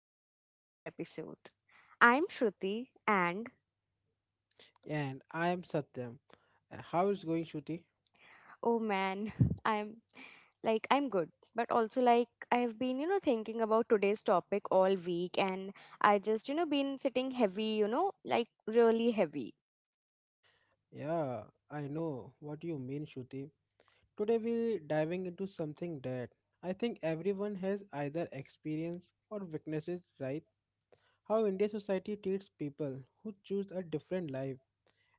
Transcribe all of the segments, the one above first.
back to another episode. I'm Shruti and And I am Satyam. How is going, Shruti? oh man, I'm I'm good, but also like I have been, thinking about today's topic all week and I just, been sitting heavy, you know, like really heavy. Yeah, I know what you mean, Shruti. Today we're diving into something that I think everyone has either experienced or witnesses, right? How Indian society treats people who choose a different life.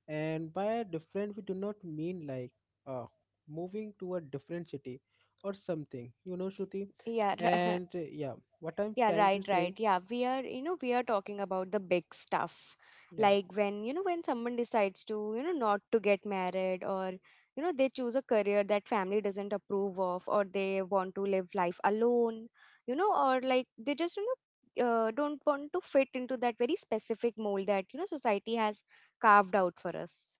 And by different, we do not mean like uh, moving to a different city or something, you know, Shruti. Yeah, And yeah, what I'm Yeah, trying to right, say, right. Yeah, we are, we are talking about the big stuff. yeah. Like when, you know, when someone decides to, not to get married or, you know, they choose a career that family doesn't approve of or they want to live life alone, you know, or like they just, don't want to fit into that very specific mold that, you know, society has carved out for us.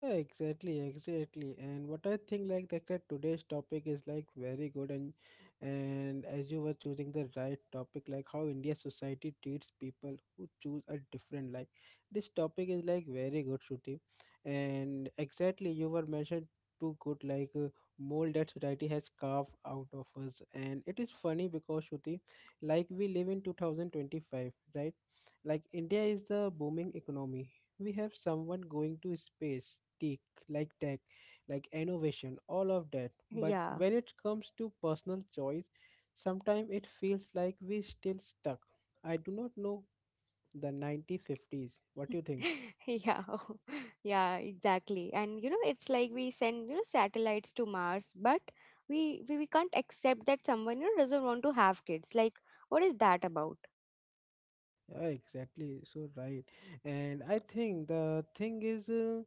Yeah, exactly, exactly. And what I think like that today's topic is like very good and as you were choosing the right topic, like how India society treats people who choose a different life. This topic is like very good, Shruti. And exactly you were mentioned too good like mold that society has carved out of us. And it is funny because Shruti, like we live in 2025, right? Like India is the booming economy, we have someone going to space tech like innovation all of that, but Yeah. when it comes to personal choice sometimes it feels like we still stuck, I do not know, the 1950s. What do you think? Yeah. Yeah, exactly, and you know it's like we send, you know, satellites to Mars, but we can't accept that someone, you know, doesn't want to have kids. Like what is that about? Yeah, exactly. So right. And I think the thing is, uh,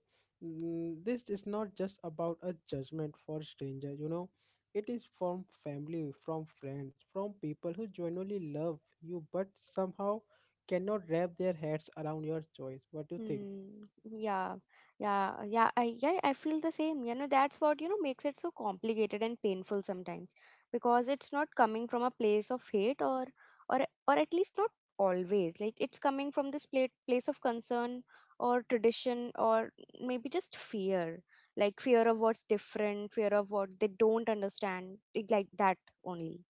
mm, this is not just about a judgment for stranger, you know. It is from family, from friends, from people who genuinely love you but somehow cannot wrap their heads around your choice. What do you think? Hmm. Yeah, I feel the same. You know, that's what, you know, makes it so complicated and painful sometimes because it's not coming from a place of hate or or at least not always. Like it's coming from this place of concern or tradition or maybe just fear. Like fear of what's different, fear of what they don't understand, like that only.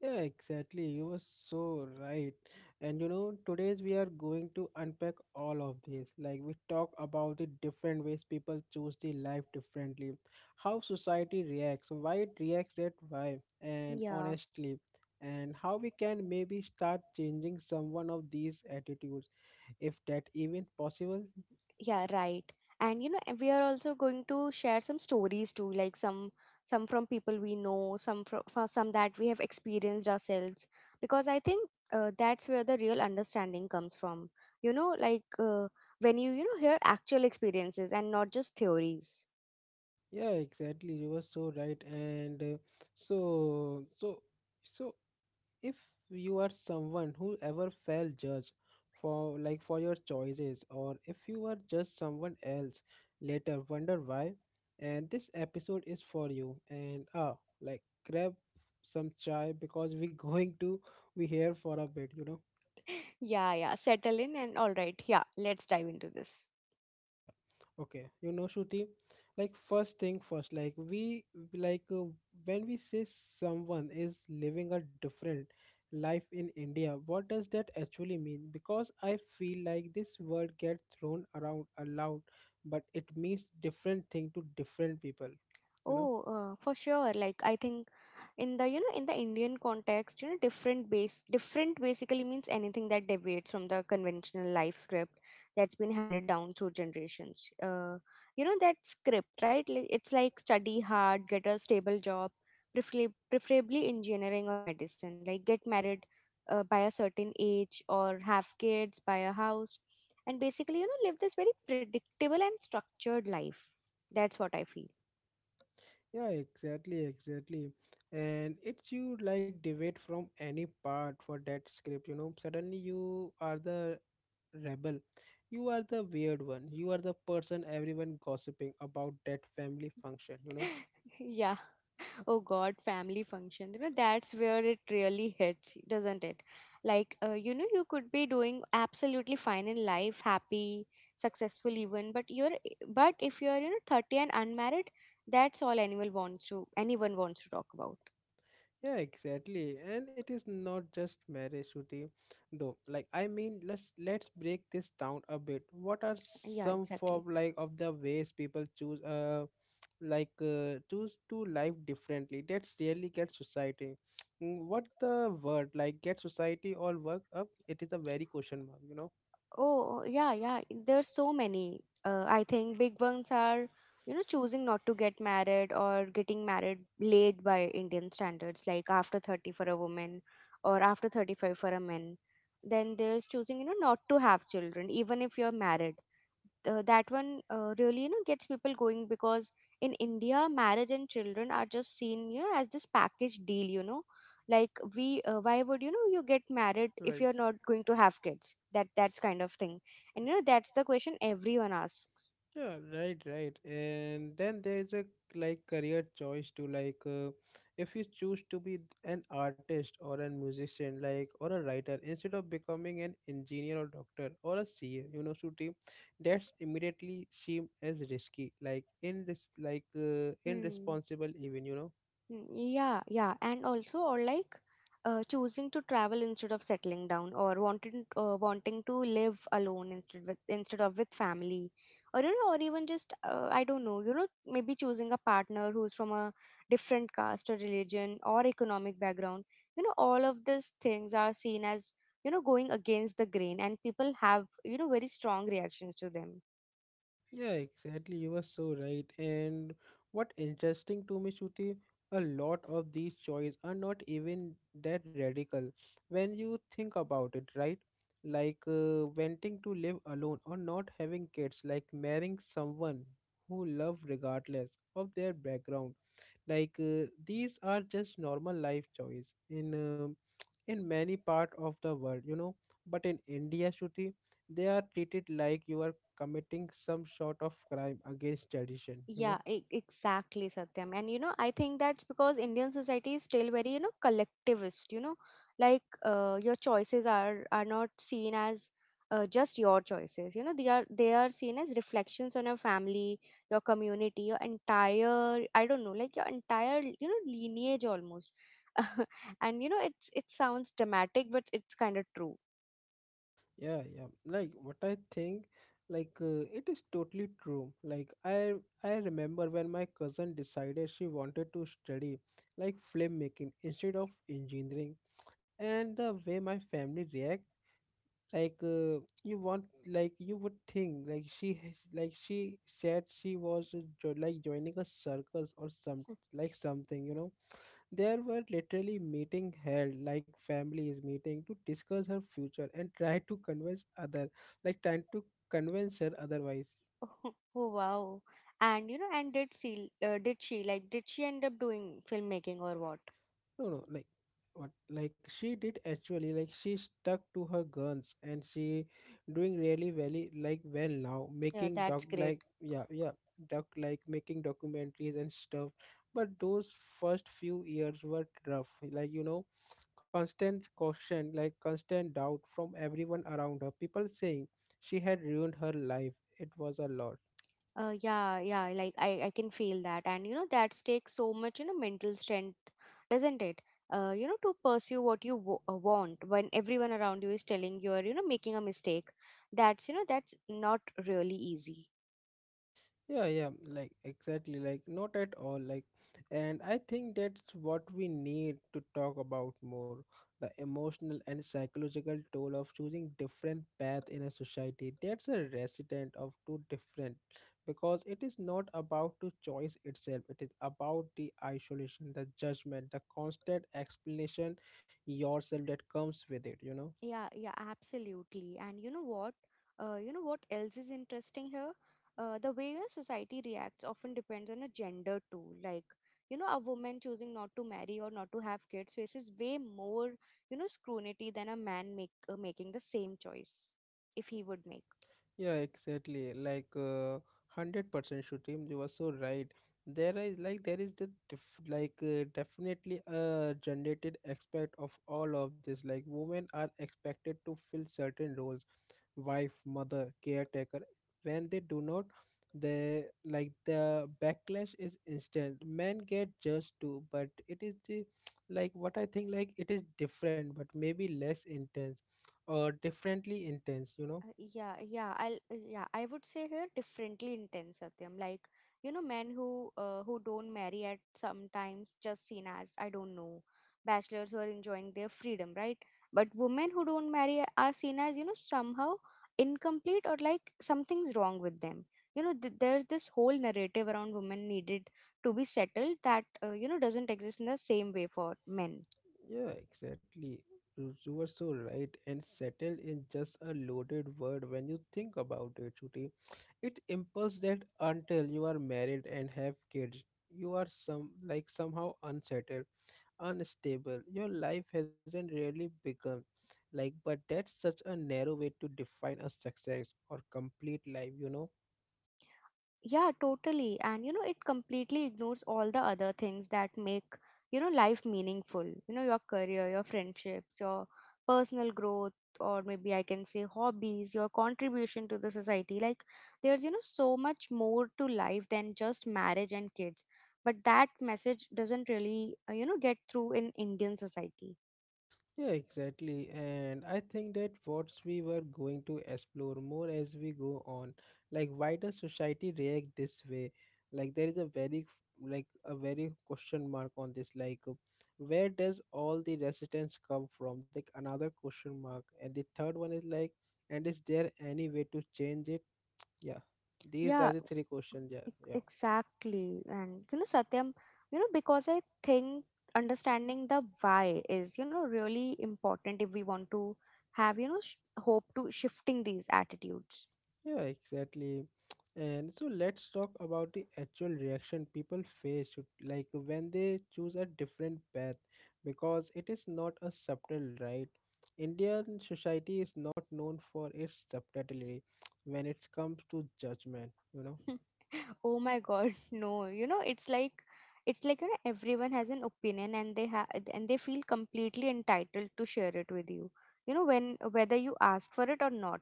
Yeah, exactly. You were so right. And you know, today's we are going to unpack all of this. Like we talk about the different ways people choose the life differently, how society reacts, why it reacts that way, and Yeah. honestly, and how we can maybe start changing some one of these attitudes, if that even possible. Yeah, right. And you know, and we are also going to share some stories too, like some from people we know, some from some that we have experienced ourselves. Because I think that's where the real understanding comes from. You know, like when you know, hear actual experiences and not just theories. Yeah, exactly. You were so right. And so so so if you are someone who ever felt judged for like for your choices, or if you are just someone else later wonder why, and this episode is for you. And like grab some chai because we are going to be here for a bit, you know. Yeah, yeah. Settle in and all right. Yeah, let's dive into this. Yeah, okay, you know Shruti, like first thing first, like we like when we say someone is living a different life in India, what does that actually mean? Because I feel like this word gets thrown around a lot but it means different thing to different people, you know. Oh, for sure. Like I think in the, you know, in the Indian context, you know, different basically means anything that deviates from the conventional life script that's been handed down through generations, you know, that script, right? Like it's like study hard, get a stable job, preferably engineering or medicine, like get married by a certain age or have kids, buy a house, and basically, you know, live this very predictable and structured life. That's what I feel. Yeah, exactly, exactly. And it's you like debate from any part for that script, you know, suddenly you are the rebel, you are the weird one, you are the person everyone gossiping about that family function, you know. Yeah. Oh God, family function. You know, that's where it really hits, doesn't it? Like, you know, you could be doing absolutely fine in life, happy, successful even, but if you're, you know, 30 and unmarried, that's all anyone wants to talk about. Yeah, exactly. And it is not just marriage shooting though, like I mean, let's break this down a bit. What are Yeah, some form exactly. like of the ways people choose like choose to live differently that's really get society, mm, what the word, like get society all worked up? It is a very question mark, you know. Oh, yeah, yeah. There's so many. I think big ones are, you know, choosing not to get married or getting married late by Indian standards, like after 30 for a woman or after 35 for a man. Then there's choosing, you know, not to have children, even if you're married. That one really, you know, gets people going because in India, marriage and children are just seen, you know, as this package deal, you know, like we, why would, you know, you get married if Right. you're not going to have kids? That's kind of thing. And you know, that's the question everyone asks. Yeah, right, right. And then there is a like career choice to like if you choose to be an artist or a musician like or a writer instead of becoming an engineer or doctor or a CA, you know, Shruti, that's immediately seem as risky, like in like Hmm. irresponsible even, you know. Mm, yeah, yeah, and also or like choosing to travel instead of settling down, or wanting to live alone instead of with family, or you know, or even just I don't know, you know, maybe choosing a partner who's from a different caste or religion or economic background. You know, all of these things are seen as, you know, going against the grain, and people have, you know, very strong reactions to them. Yeah, exactly. You were so right. And what interesting to me, Shruti, a lot of these choices are not even that radical when you think about it, right? Like wanting to live alone or not having kids, like marrying someone who love regardless of their background, like these are just normal life choice in in many part of the world, you know. But in India, Shruti, they are treated like you are committing some sort of crime against tradition, you know. Yeah, exactly, Satyam. And you know, I think that's because Indian society is still very, you know, collectivist, you know, like your choices are not seen as just your choices. You know, they are seen as reflections on your family, your community, your entire, I don't know, like your entire, you know, lineage almost. And you know, it sounds dramatic, but it's kind of true. Yeah, yeah, like what I think, like it is totally true. Like I remember when my cousin decided she wanted to study like filmmaking instead of engineering, and the way my family reacted, like you want, like you would think like like she said she was like joining a circus or some like something, you know. There were literally meeting held, like families meeting to discuss her future and try to convince other, like trying to convince her otherwise. Oh, wow. And you know, and did she did she end up doing filmmaking or what? No, no, like what, like she did actually, like she stuck to her guns and she doing really very like well now, Yeah, making doc that's great. like yeah, yeah, doc like making documentaries and stuff. But those first few years were rough, like you know, constant caution, like constant doubt from everyone around her, people saying she had ruined her life. It was a lot. Yeah, yeah, like I can feel that. And you know, that takes so much, you know, mental strength, doesn't it? You know, to pursue what you w want when everyone around you is telling you're, you know, making a mistake. That's, you know, that's not really easy. Yeah, yeah, like exactly, like not at all. Like, and I think that's what we need to talk about more, the emotional and psychological toll of choosing different path in a society that's a resident of two different, because it is not about to choice itself, it is about the isolation, the judgment, the constant explanation yourself that comes with it, you know. Yeah, yeah, absolutely. And you know what? You know what else is interesting here? The way a society reacts often depends on a gender too. Like, you know, a woman choosing not to marry or not to have kids faces way more, you know, scrutiny than a man make making the same choice if he would make. Yeah, exactly. Like 100% Shooting, you were so right. There is the like definitely a generated aspect of all of this. Like women are expected to fill certain roles, wife, mother, caretaker. When they do not, they like the backlash is instant. Men get judged too, but it is the like what I think, like it is different, but maybe less intense or differently intense. You know. Yeah, yeah, I'll yeah, I would say here differently intense, Satyam. Like, you know, men who don't marry at sometimes just seen as I don't know, bachelors who are enjoying their freedom, right? But women who don't marry are seen as, you know, somehow incomplete or like something's wrong with them. You know, there's this whole narrative around women needed to be settled that you know doesn't exist in the same way for men. Yeah, exactly. You are so right. And settle is just a loaded word when you think about it, Shruti. It impulse that until you are married and have kids, you are some like somehow unsettled, unstable. Your life hasn't really begun. Like, but that's such a narrow way to define a success or complete life, you know. Yeah, totally. And you know, it completely ignores all the other things that make, you know, life meaningful. You know, your career, your friendships, your personal growth, or maybe I can say hobbies, your contribution to the society. Like, there's, you know, so much more to life than just marriage and kids. But that message doesn't really, you know, get through in Indian society. Yeah, exactly. And I think that what we were going to explore more as we go on, like why does society react this way? Like there is a very like a very question mark on this. Like where does all the resistance come from? Like another question mark. And the third one is like, and is there any way to change it? Yeah. These Yeah, are the three questions, yeah. Yeah. exactly. And you know, Satyam, you know, because I think understanding the why is, you know, really important if we want to have, you know, hope to shifting these attitudes. Yeah, exactly. And so let's talk about the actual reaction people face like when they choose a different path, because it is not a subtle, right? Indian society is not known for its subtlety when it comes to judgment, you know. Oh my God, no. You know, it's like, you know, everyone has an opinion and they have and they feel completely entitled to share it with you. You know, when whether you asked for it or not.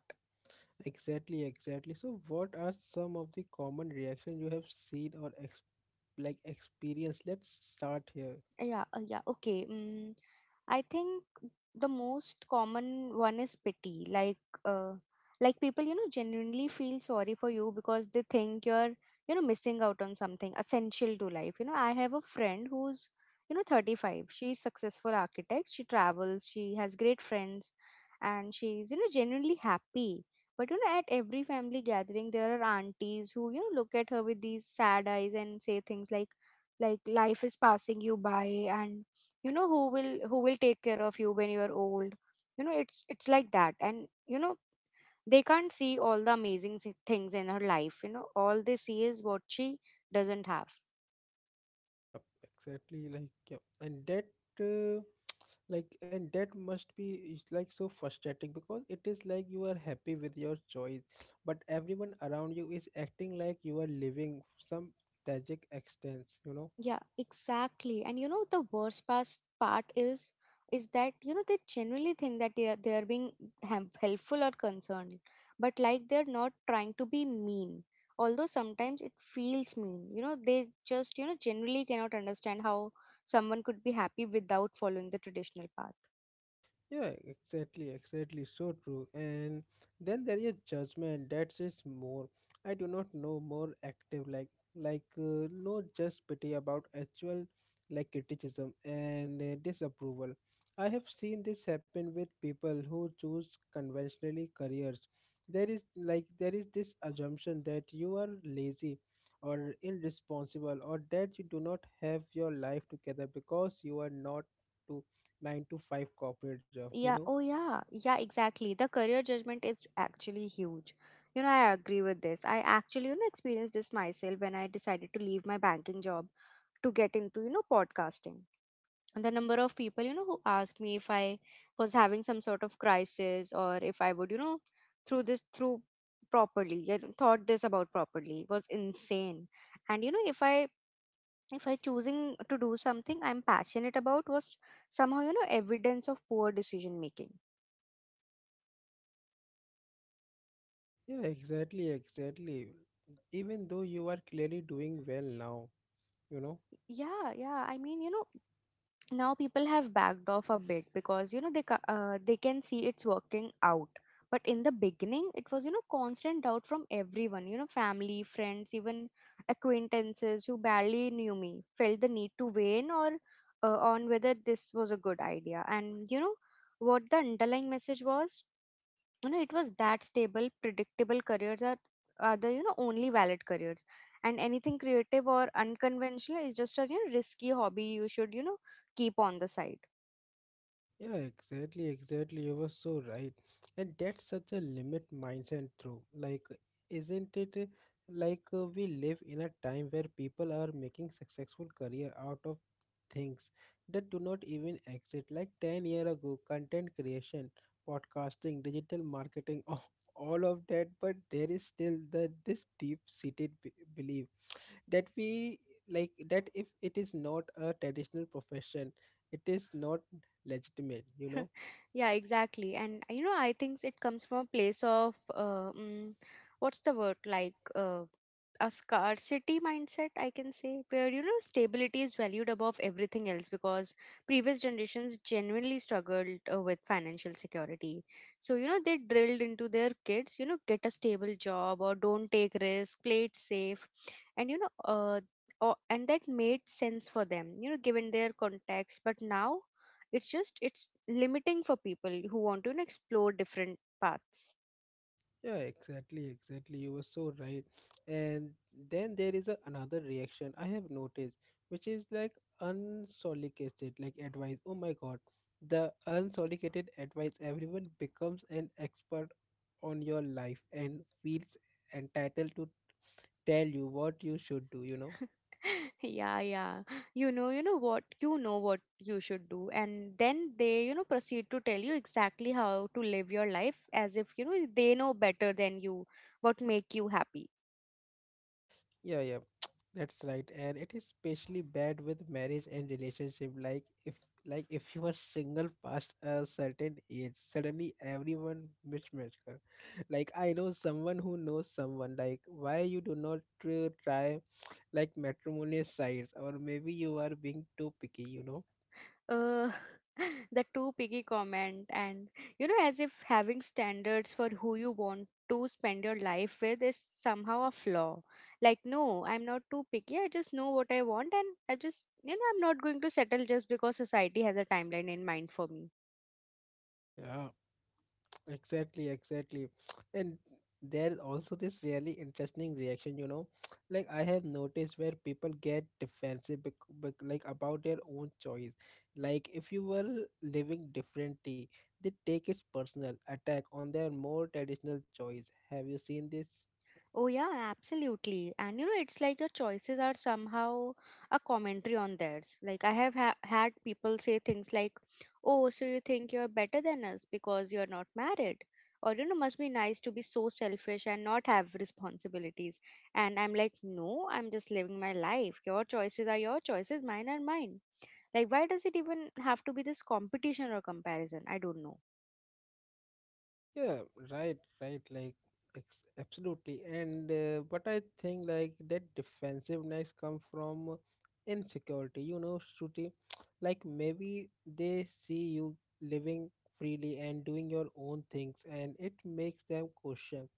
Exactly, exactly. So what are some of the common reaction you have seen or like experience? Let's start here. Yeah, yeah, okay. Mm, I think the most common one is pity. Uh, like people, you know, genuinely feel sorry for you because they think you're, you know, missing out on something essential to life. You know, I have a friend who's, you know, 35. She's successful architect. She travels. She has great friends, and she's, you know, genuinely happy. But you know, at every family gathering, there are aunties who, you know, look at her with these sad eyes and say things like life is passing you by, and you know, who will take care of you when you are old. You know, it's like that, and you know they can't see all the amazing things in her life. You know, all they see is what she doesn't have. Yeah, exactly, like yeah. And that Uh, like and that must be is like so frustrating, because it is like you are happy with your choice but everyone around you is acting like you are living some tragic extents, you know. Yeah, exactly. And you know the worst past part is that you know they genuinely think that they are being helpful or concerned, but like they're not trying to be mean. Although sometimes it feels mean. You know they just, you know, generally cannot understand how someone could be happy without following the traditional path. Yeah, exactly, exactly. So true. And then there is judgment that says more. I do not know, more active like no just pity about actual like criticism and disapproval. I have seen this happen with people who choose conventionally careers. There is this assumption that you are lazy or irresponsible or that you do not have your life together because you are not nine to five corporate job, you Yeah, know? oh yeah, yeah, exactly. The career judgment is actually huge. You know, I agree with this. I actually, you know, experienced this myself when I decided to leave my banking job to get into, you know, podcasting. And the number of people, you know, who asked me if I was having some sort of crisis or if I would, you know, through this through properly, you know, thought this about properly was insane. And you know, if I choosing to do something I'm passionate about was somehow, you know, evidence of poor decision making. Yeah, exactly, exactly. Even though you are clearly doing well now, you know? Yeah, yeah. I mean, you know, now people have backed off a bit because you know they can see it's working out. But in the beginning, it was, you know, constant doubt from everyone. You know, family, friends, even acquaintances who barely knew me felt the need to weigh in or on whether this was a good idea. And you know what the underlying message was? It was that stable, predictable careers are are the only valid careers, and anything creative or unconventional is just a risky hobby you should keep on the side. Yeah, exactly, exactly. You were so right. And that's such a limit mindset, through. Like, isn't it like we live in a time where people are making successful career out of things that do not even exist? Like 10 years year ago, content creation, podcasting, digital marketing, all of that, but there is still the this deep-seated belief that we like that if it is not a traditional profession, it is not legitimate, you know. Yeah, exactly. And you know, I think it comes from a place of what's the word, like a scarcity mindset, I can say, where you know stability is valued above everything else because previous generations genuinely struggled with financial security. So you know they drilled into their kids, you know, get a stable job or don't take risk, play it safe. And you know or, and that made sense for them, you know, given their context, but now it's just it's limiting for people who want to, you know, explore different paths. Yeah, exactly, exactly, you were so right. And then there is a, another reaction I have noticed, which is like unsolicited like advice. Oh my God, the unsolicited advice, everyone becomes an expert on your life and feels entitled to tell you what you should do, you know. Yeah. You know, you know what, you know what you should do, and then they, you know, proceed to tell you exactly how to live your life as if, you know, they know better than you what make you happy. Yeah, yeah, that's right. And it is especially bad with marriage and relationship. Like if you are single past a certain age, suddenly everyone mismatch her. Like I know someone who knows someone. Like why you do not try like matrimonial sites, or maybe you are being too picky. You know? uh, the too piggy comment. And you know, as if having standards for who you want to spend your life with is somehow a flaw. Like, no, I'm not too picky. I just know what I want, and I just, you know, I'm not going to settle just because society has a timeline in mind for me. Yeah. Exactly, exactly. And there is also this really interesting reaction, you know. Like I have noticed where people get defensive like about their own choice. Like if you were living differently, they take it personal attack on their more traditional choice. Have you seen this? Oh, yeah, absolutely. And you know, it's like your choices are somehow a commentary on theirs. Like, I have had people say things like, "Oh, so you think you're better than us because you're not married?" Or, you know, "Must be nice to be so selfish and not have responsibilities." And I'm like, "No, I'm just living my life. Your choices are your choices, mine are mine." Like, why does it even have to be this competition or comparison? I don't know. Yeah, right, right. Like, absolutely. And but I think like that defensiveness come from insecurity. You know, Shruti, like maybe they see you living freely and doing your own things, and it makes them question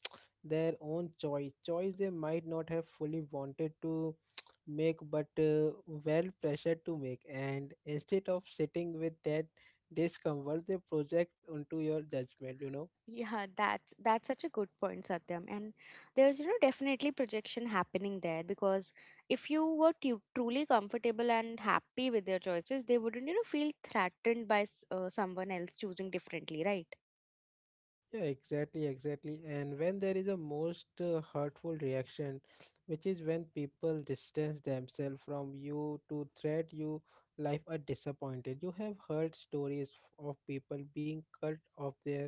their own choice. Choice they might not have fully wanted to make, but well pressured to make. And instead of sitting with that discomfort, they project onto your judgment. You know. Yeah, that's such a good point, Satyam. And there's, you know, definitely projection happening there because if you were truly comfortable and happy with your choices, they wouldn't, you know, feel threatened by someone else choosing differently, right? Yeah, exactly. And when there is a most hurtful reaction, which is when people distance themselves from you to threat you, life are disappointed. You have heard stories of people being cut off their,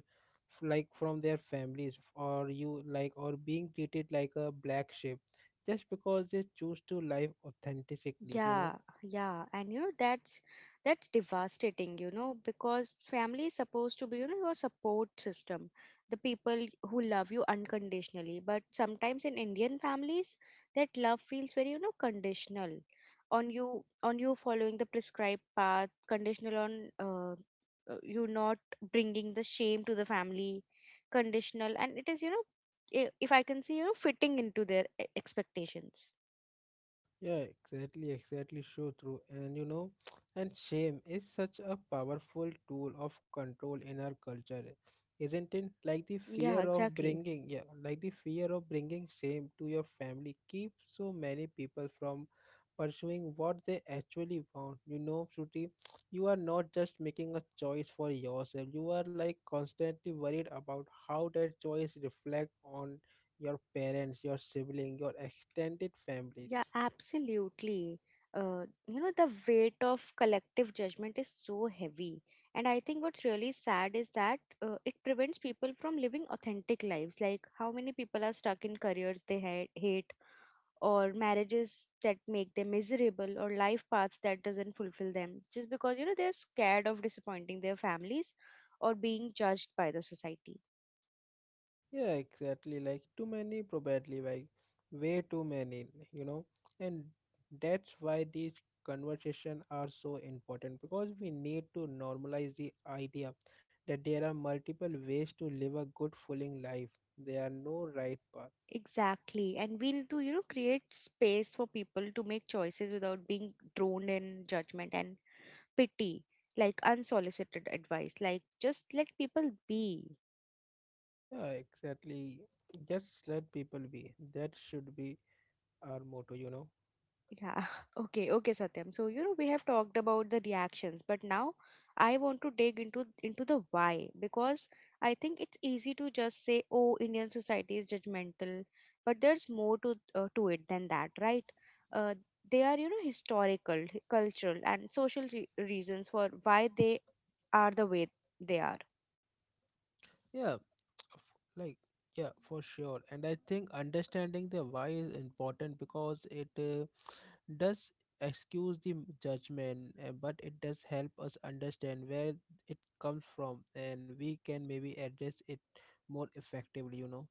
like from their families, or you like, or being treated like a black sheep, just because they choose to live authentically. You know. Yeah, yeah, and you know that's devastating, you know, because family is supposed to be, you know, your support system, the people who love you unconditionally. But sometimes in Indian families, that love feels very, you know, conditional on you following the prescribed path, conditional on you not bringing the shame to the family, conditional, and it is, you know, I- if I can say, you know, fitting into their expectations. Yeah, exactly, so true. And you know, and shame is such a powerful tool of control in our culture, isn't it? Like the Yeah, fear of exactly. bringing, yeah, like the fear of bringing shame to your family keeps so many people from pursuing what they actually want. You know, Shruti, you are not just making a choice for yourself. You are like constantly worried about how that choice reflects on your parents, your sibling, your extended Yeah, families. absolutely. You know, the weight of collective judgment is so heavy. And I think what's really sad is that it prevents people from living authentic lives. Like, how many people are stuck in careers they hate, or marriages that make them miserable, or life paths that doesn't fulfill them, just because, you know, they're scared of disappointing their families or being judged by the society. Yeah, exactly. Like too many, probably like way too many, you know. And that's why these conversations are so important because we need to normalize the idea that there are multiple ways to live a good, fulfilling life. There are no right path. Exactly. And we need to, you know, create space for people to make choices without being drawn in judgment and pity, like unsolicited advice. Like just let people be. Yeah, exactly. Just let people be. That should be our motto, you know. Yeah. Okay. Okay, Satyam. So, you know, we have talked about the reactions, but now I want to dig into the why, because I think it's easy to just say, "Oh, Indian society is judgmental," but there's more to it than that, right? Uh, they are, you know, historical, cultural, and social re reasons for why they are the way they are. Yeah, f- like yeah, for sure. And I think understanding the why is important because it does excuse the judgment, but it does help us understand where it comes from, and we can maybe address it more effectively, you know.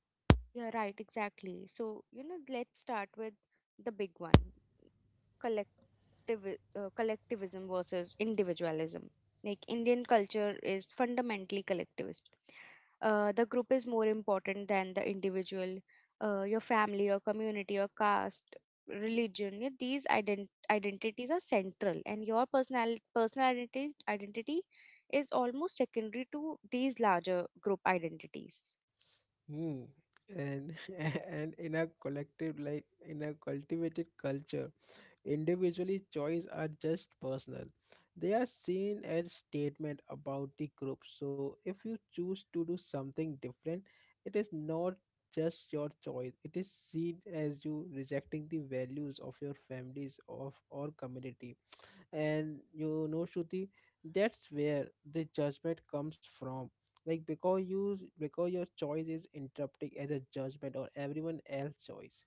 Yeah, right, exactly. So, you know, let's start with the big one: collectiv- collectivism versus individualism. Like Indian culture is fundamentally collectivist. The group is more important than the individual. Your family, your community, your caste, religion, yeah, these identities are central, and your personal identity is almost secondary to these larger group identities. Hmm. And and in a collective, like in a cultivated culture individually, choice are just personal. They are seen as statement about the group. So if you choose to do something different, it is not just your choice. It is seen as you rejecting the values of your families of or community. And you know, Shruti, that's where the judgment comes from. Like because you because your choice is interpreted as a judgment or everyone else's choice.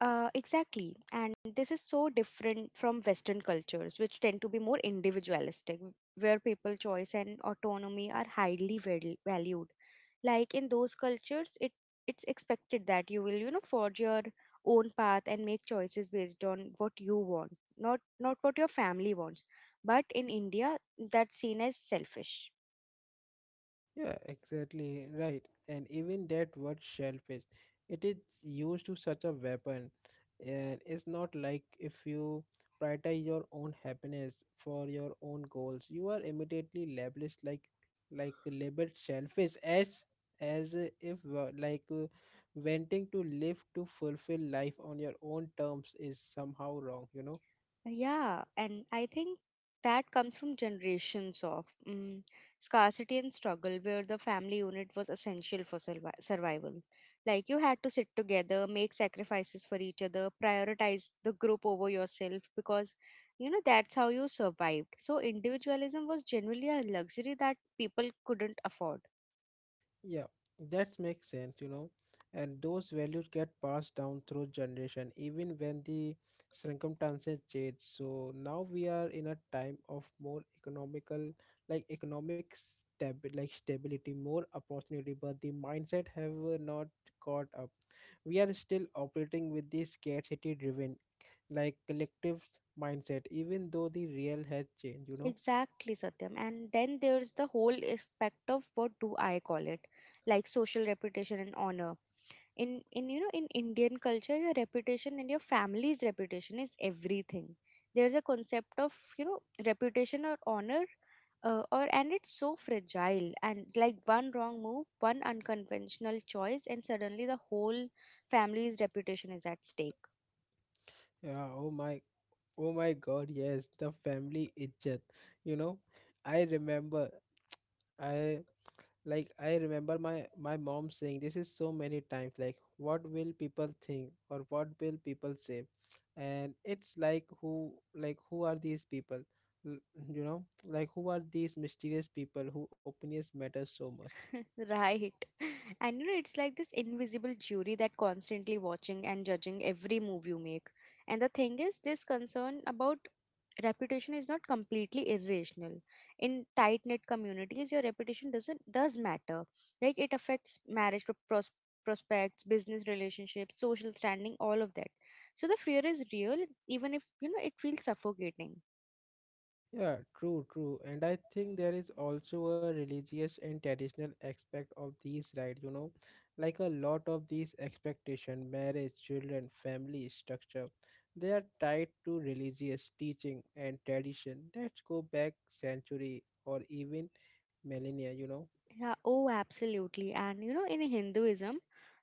Exactly. And this is so different from Western cultures, which tend to be more individualistic, where people choice and autonomy are highly valued. Like in those cultures, it's expected that you will, you know, forge your own path and make choices based on what you want, not what your family wants. But in India, that's seen as selfish. Yeah, exactly, right. And even that word shellfish, it is used to such a weapon. And it's not like if you prioritize your own happiness for your own goals, you are immediately labeled like labeled shellfish as if like wanting to live to fulfill life on your own terms is somehow wrong, you know. Yeah, and I think that comes from generations of scarcity and struggle, where the family unit was essential for survival. Like you had to sit together, make sacrifices for each other, prioritize the group over yourself because you know that's how you survived. So individualism was generally a luxury that people couldn't afford. Yeah, that makes sense, you know. And those values get passed down through generation, even when the circumstances change. So now we are in a time of more economical, like economic like stability, more opportunity, but the mindset have not caught up. We are still operating with the scarcity-driven, like collective mindset, even though the real has changed, you know. Exactly, Satyam. And then there's the whole aspect of, what do I call it, like social reputation and honor in you know in Indian culture. Your reputation and your family's reputation is everything. There's a concept of, you know, reputation or honor, or and it's so fragile, and like one wrong move, one unconventional choice, and suddenly the whole family's reputation is at stake. Yeah, oh my oh my God, yes, the family izzat. You know, I remember, I like, I remember my mom saying this is so many times, like, what will people think or what will people say? And it's like, who are these people? L- You know, like, who are these mysterious people who opinions matter so much? Right. And you know, it's like this invisible jury that constantly watching and judging every move you make. And the thing is, this concern about reputation is not completely irrational. In tight knit communities your reputation doesn't does matter. Like it affects marriage prospects, business relationships, social standing, all of that. So the fear is real, even if you know it feels suffocating. Yeah, true. And I think there is also a religious and traditional aspect of these, right, you know, like a lot of these expectation, marriage, children, family structure, they are tied to religious teaching and tradition that go back century or even millennia, you know. Yeah, oh absolutely. And you know, in Hinduism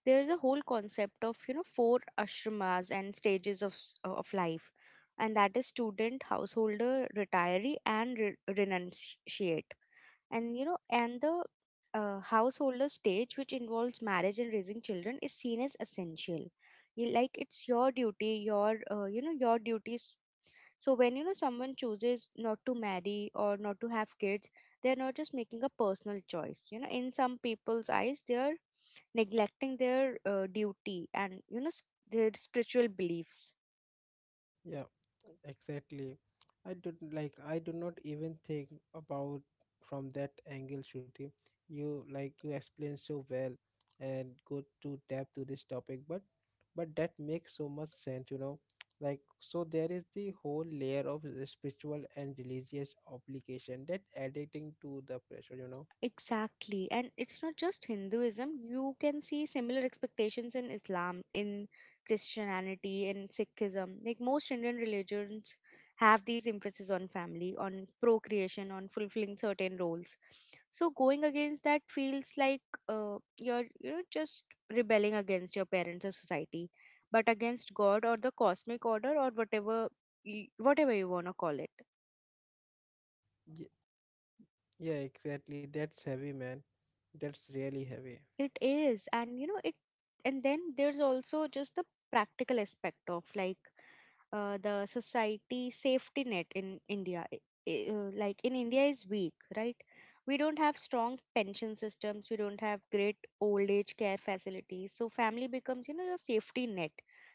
there is a whole concept of, you know, four ashramas and stages of of life, and that is student, householder, retiree, and renunciate. And you know, and the householder stage, which involves marriage and raising children, is seen as essential. Like it's your duty, your you know, your duties. So when you know someone chooses not to marry or not to have kids, they're not just making a personal choice. You know, in some people's eyes, they're neglecting their duty and you know their spiritual beliefs. Yeah, exactly. I don't like I do not even think about from that angle, Shruti. You like you explain so well and go to depth to this topic, but that makes so much sense, you know. Like so there is the whole layer of the spiritual and religious obligation that adding to the pressure, you know. Exactly. And it's not just Hinduism. You can see similar expectations in Islam, in Christianity, in Sikhism. Like most Indian religions have these emphasis on family, on procreation, on fulfilling certain roles. So going against that feels like you're, you know, just rebelling against your parents or society, but against God or the cosmic order or whatever whatever you want to call it. Ye- Yeah, exactly. That's heavy, man. That's really heavy. It is, and you know it, and then there's also just the practical aspect of, like, the society safety net in India. Like in India is weak, right? We don't have strong pension systems. We don't have great old age care facilities. So family becomes, you know, your safety net.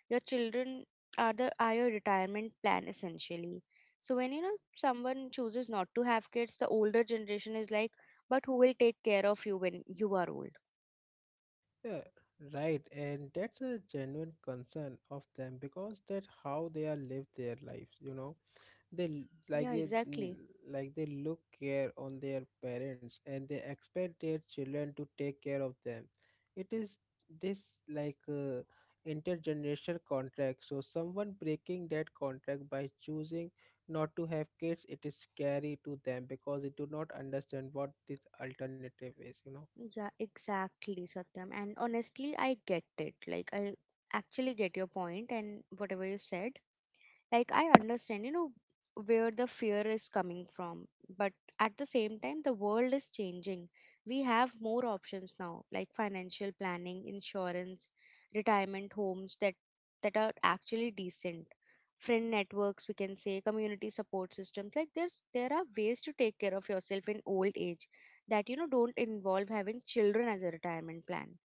Your children are your retirement plan, essentially. So when you know someone chooses not to have kids, the older generation is like, but who will take care of you when you are old? Yeah, right. And that's a genuine concern of them because that's how they are live their lives, you know. They like Yeah, it, exactly. like they look care on their parents and they expect their children to take care of them. It is this like intergenerational contract. So someone breaking that contract by choosing not to have kids, it is scary to them because they do not understand what this alternative is, you know. Yeah, exactly, Satyam. And honestly, I get it. Like, I actually get your point and whatever you said. Like, I understand, you know, where the fear is coming from, but at the same time, the world is changing. We have more options now, like financial planning, insurance, retirement homes that that are actually decent, friend networks, we can say, community support systems. Like there are ways to take care of yourself in old age that you know don't involve having children as a retirement plan.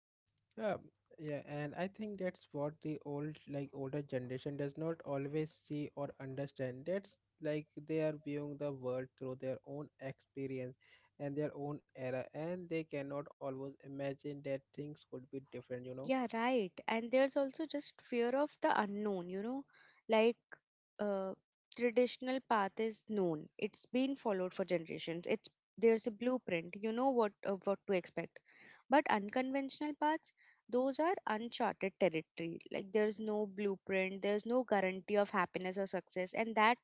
Yeah, yeah, and I think that's what the old, like older generation does not always see or understand. That's like they are viewing the world through their own experience and their own era, and they cannot always imagine that things could be different, you know. Yeah, right. And there's also just fear of the unknown, you know, like uh, traditional path is known. It's been followed for generations. It's There's a blueprint. You know what to expect. But unconventional paths, those are uncharted territory. Like there's no blueprint, there's no guarantee of happiness or success, and that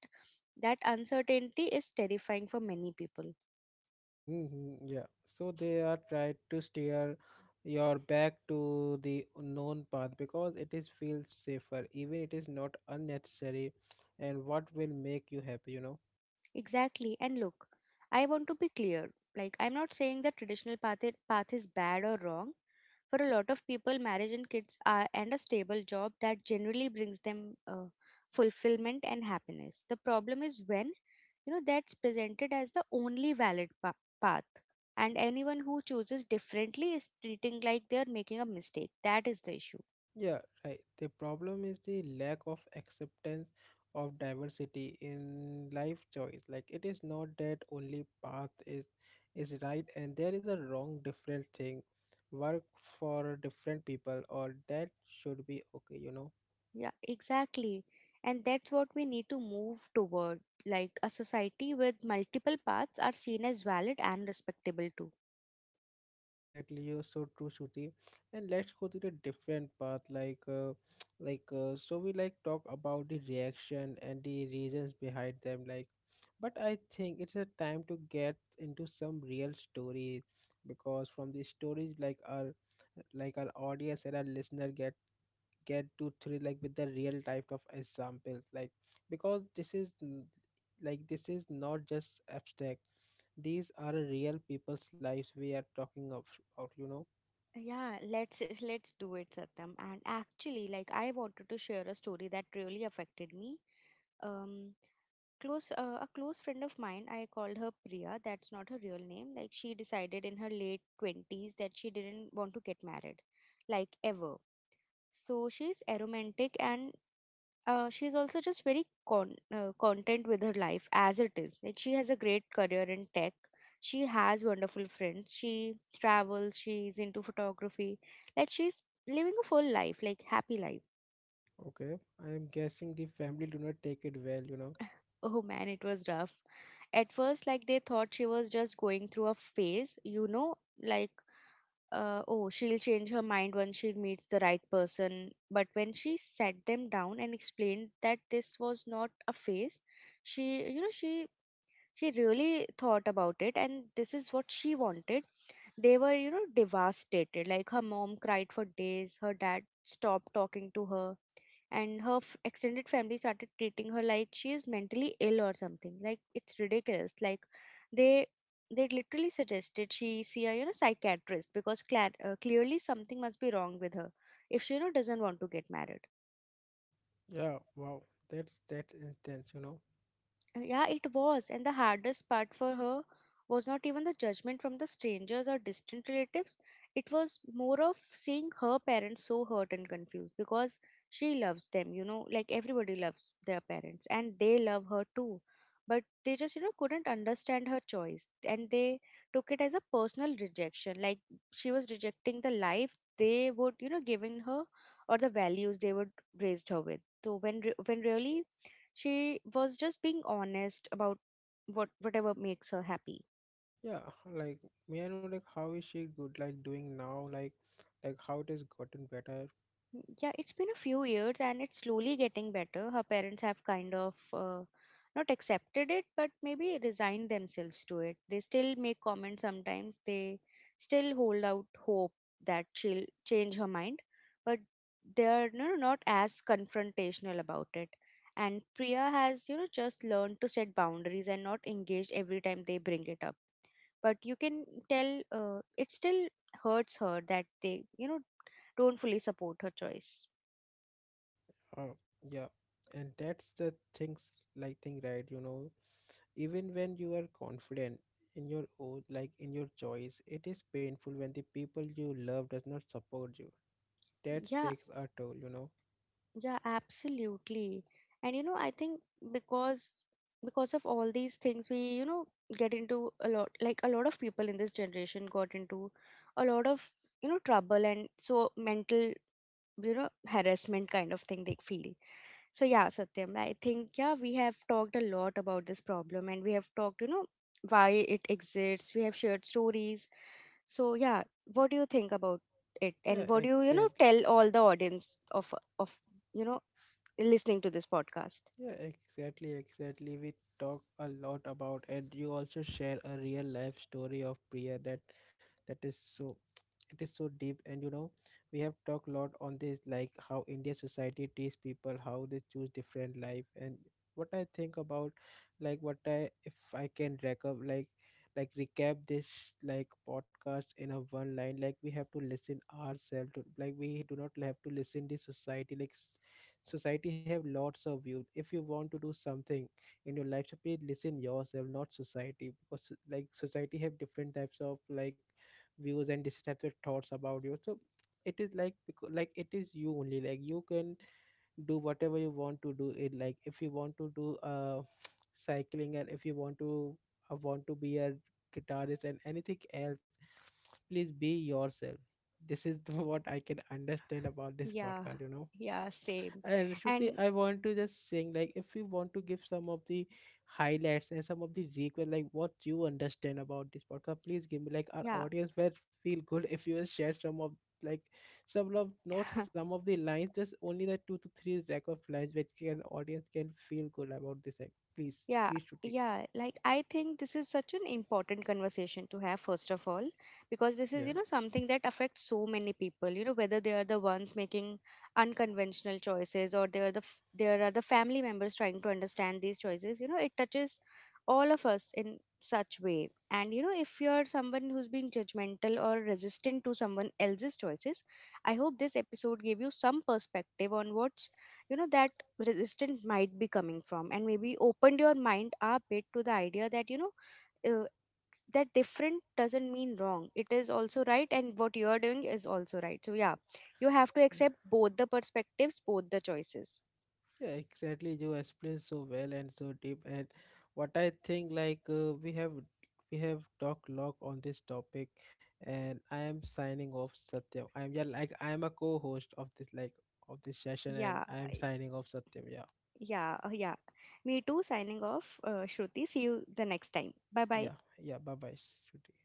that uncertainty is terrifying for many people. Hmm, yeah, so they are trying to steer your back to the known path because it is feels safer, even it is not unnecessary, and what will make you happy, you know. Exactly. And look, I want to be clear. Like, I'm not saying the traditional path, path is bad or wrong. For a lot of people, marriage and kids are, and a stable job that generally brings them fulfillment and happiness. The problem is when, you know, that's presented as the only valid path, and anyone who chooses differently is treating like they're making a mistake. That is the issue. Yeah, right. The problem is the lack of acceptance of diversity in life choice. Like it is not that only path is right and there is a wrong different thing work for different people or that should be okay, you know. Yeah, exactly. And that's what we need to move toward. Like a society with multiple paths are seen as valid and respectable too. Yeah, exactly. You're so true, Shruti. And let's go to the different path. Like, like, so we like talk about the reaction and the reasons behind them. Like, but I think it's a time to get into some real stories because from the stories, like our audience and our listener get to three like with the real type of examples like because this is like this is not just abstract, these are real people's lives we are talking of, about, you know. Yeah, let's do it, Satyam. And actually, like I wanted to share a story that really affected me. Um, Close a close friend of mine, I called her Priya. That's not her real name. Like she decided in her late 20s that she didn't want to get married, like ever. So she's aromantic, and she's also just very content with her life as it is. Like she has a great career in tech. She has wonderful friends. She travels. She's into photography. Like she's living a full life, like happy life. Okay, I am guessing the family do not take it well, you know. Oh man, it was rough. At first, like they thought she was just going through a phase, you know, like oh, she'll change her mind once she meets the right person. But when she sat them down and explained that this was not a phase, she you know she really thought about it, and this is what she wanted, they were, you know, devastated. Like her mom cried for days, her dad stopped talking to her, and her extended family started treating her like she is mentally ill or something. Like it's ridiculous. Like they they literally suggested she see a you know psychiatrist because clearly something must be wrong with her if she you know doesn't want to get married. Yeah, wow, that's that instance, you know. Yeah, it was. And the hardest part for her was not even the judgment from the strangers or distant relatives. It was more of seeing her parents so hurt and confused because she loves them, you know, like everybody loves their parents and they love her too. But they just, you know, couldn't understand her choice, and they took it as a personal rejection. Like she was rejecting the life they would, you know, given her, or the values they would raised her with. So when when really she was just being honest about whatever makes her happy. Yeah, like, may I know like how is she good like doing now, like how it has gotten better. Yeah, it's been a few years and it's slowly getting better. Her parents have kind of not accepted it, but maybe resigned themselves to it. They still make comments sometimes. They still hold out hope that she'll change her mind, but they're, you know, not as confrontational about it. And Priya has, you know, just learned to set boundaries and not engage every time they bring it up. But you can tell it still hurts her that they, you know, don't fully support her choice. uh, yeah, and that's the things like thing, right, you know, even when you are confident in your own like in your choice, it is painful when the people you love does not support you. That Yeah, takes a toll, you know. yeah, absolutely. And you know, I think, because because of all these things, we, you know, get into a lot, like a lot of people in this generation got into a lot of, you know, trouble, and so mental, you know, harassment kind of thing they feel. So yeah, Satyam, I think, yeah, we have talked a lot about this problem, and we have talked, you know, why it exists, we have shared stories. So yeah, what do you think about it, and Yeah, what do you, you know, exactly. tell all the audience of, you know, listening to this podcast. Yeah, exactly. We talk a lot about and you also share a real life story of Priya that that is so it is so deep. And you know, we have talked a lot on this, like how India society treats people, how they choose different life. And what I think about like what I if I can recap like recap this like podcast in a one line, like we have to listen ourselves to, like we do not have to listen the society, like society have lots of views. If you want to do something in your life, so please listen yourself not society, because like society have different types of like views and different types of thoughts about you. So it is like like it is you only, like you can do whatever you want to do it, like if you want to do cycling, and if you want to be a guitarist and anything else, please be yourself. This is what I can understand about this Yeah, podcast, you know. yeah, same. And Shruti, And I want to just sing, like if you want to give some of the highlights and some of the request, like what you understand about this podcast, please give me, like our yeah. audience will feel good if you will share some of like some of not some of the lines, just only the two to three rack of lines which can audience can feel good about this. Like please, Yeah, please Shruti. yeah. Like, I think this is such an important conversation to have, first of all, because this is, you Yeah. know, something that affects so many people, you know, whether they are the ones making unconventional choices or they are the there are the family members trying to understand these choices, you know, it touches all of us in such way. And, you know, if you're someone who's being judgmental or resistant to someone else's choices, I hope this episode gave you some perspective on what you know that resistance might be coming from, and maybe opened your mind up a bit to the idea that, you know, uh, that different doesn't mean wrong. It is also right, and what you are doing is also right. So yeah, you have to accept both the perspectives, both the choices. Yeah, exactly. You explained so well and so deep. And what I think, like we have talked lot on this topic, and I am signing off, Satyam. I am yeah, like I am a co-host of this like of this session, and Yeah, I am signing off, Satyam. Yeah, yeah, yeah, me too, signing off, Shruti. See you the next time. Bye yeah, bye. yeah. Bye, bye, Shruti.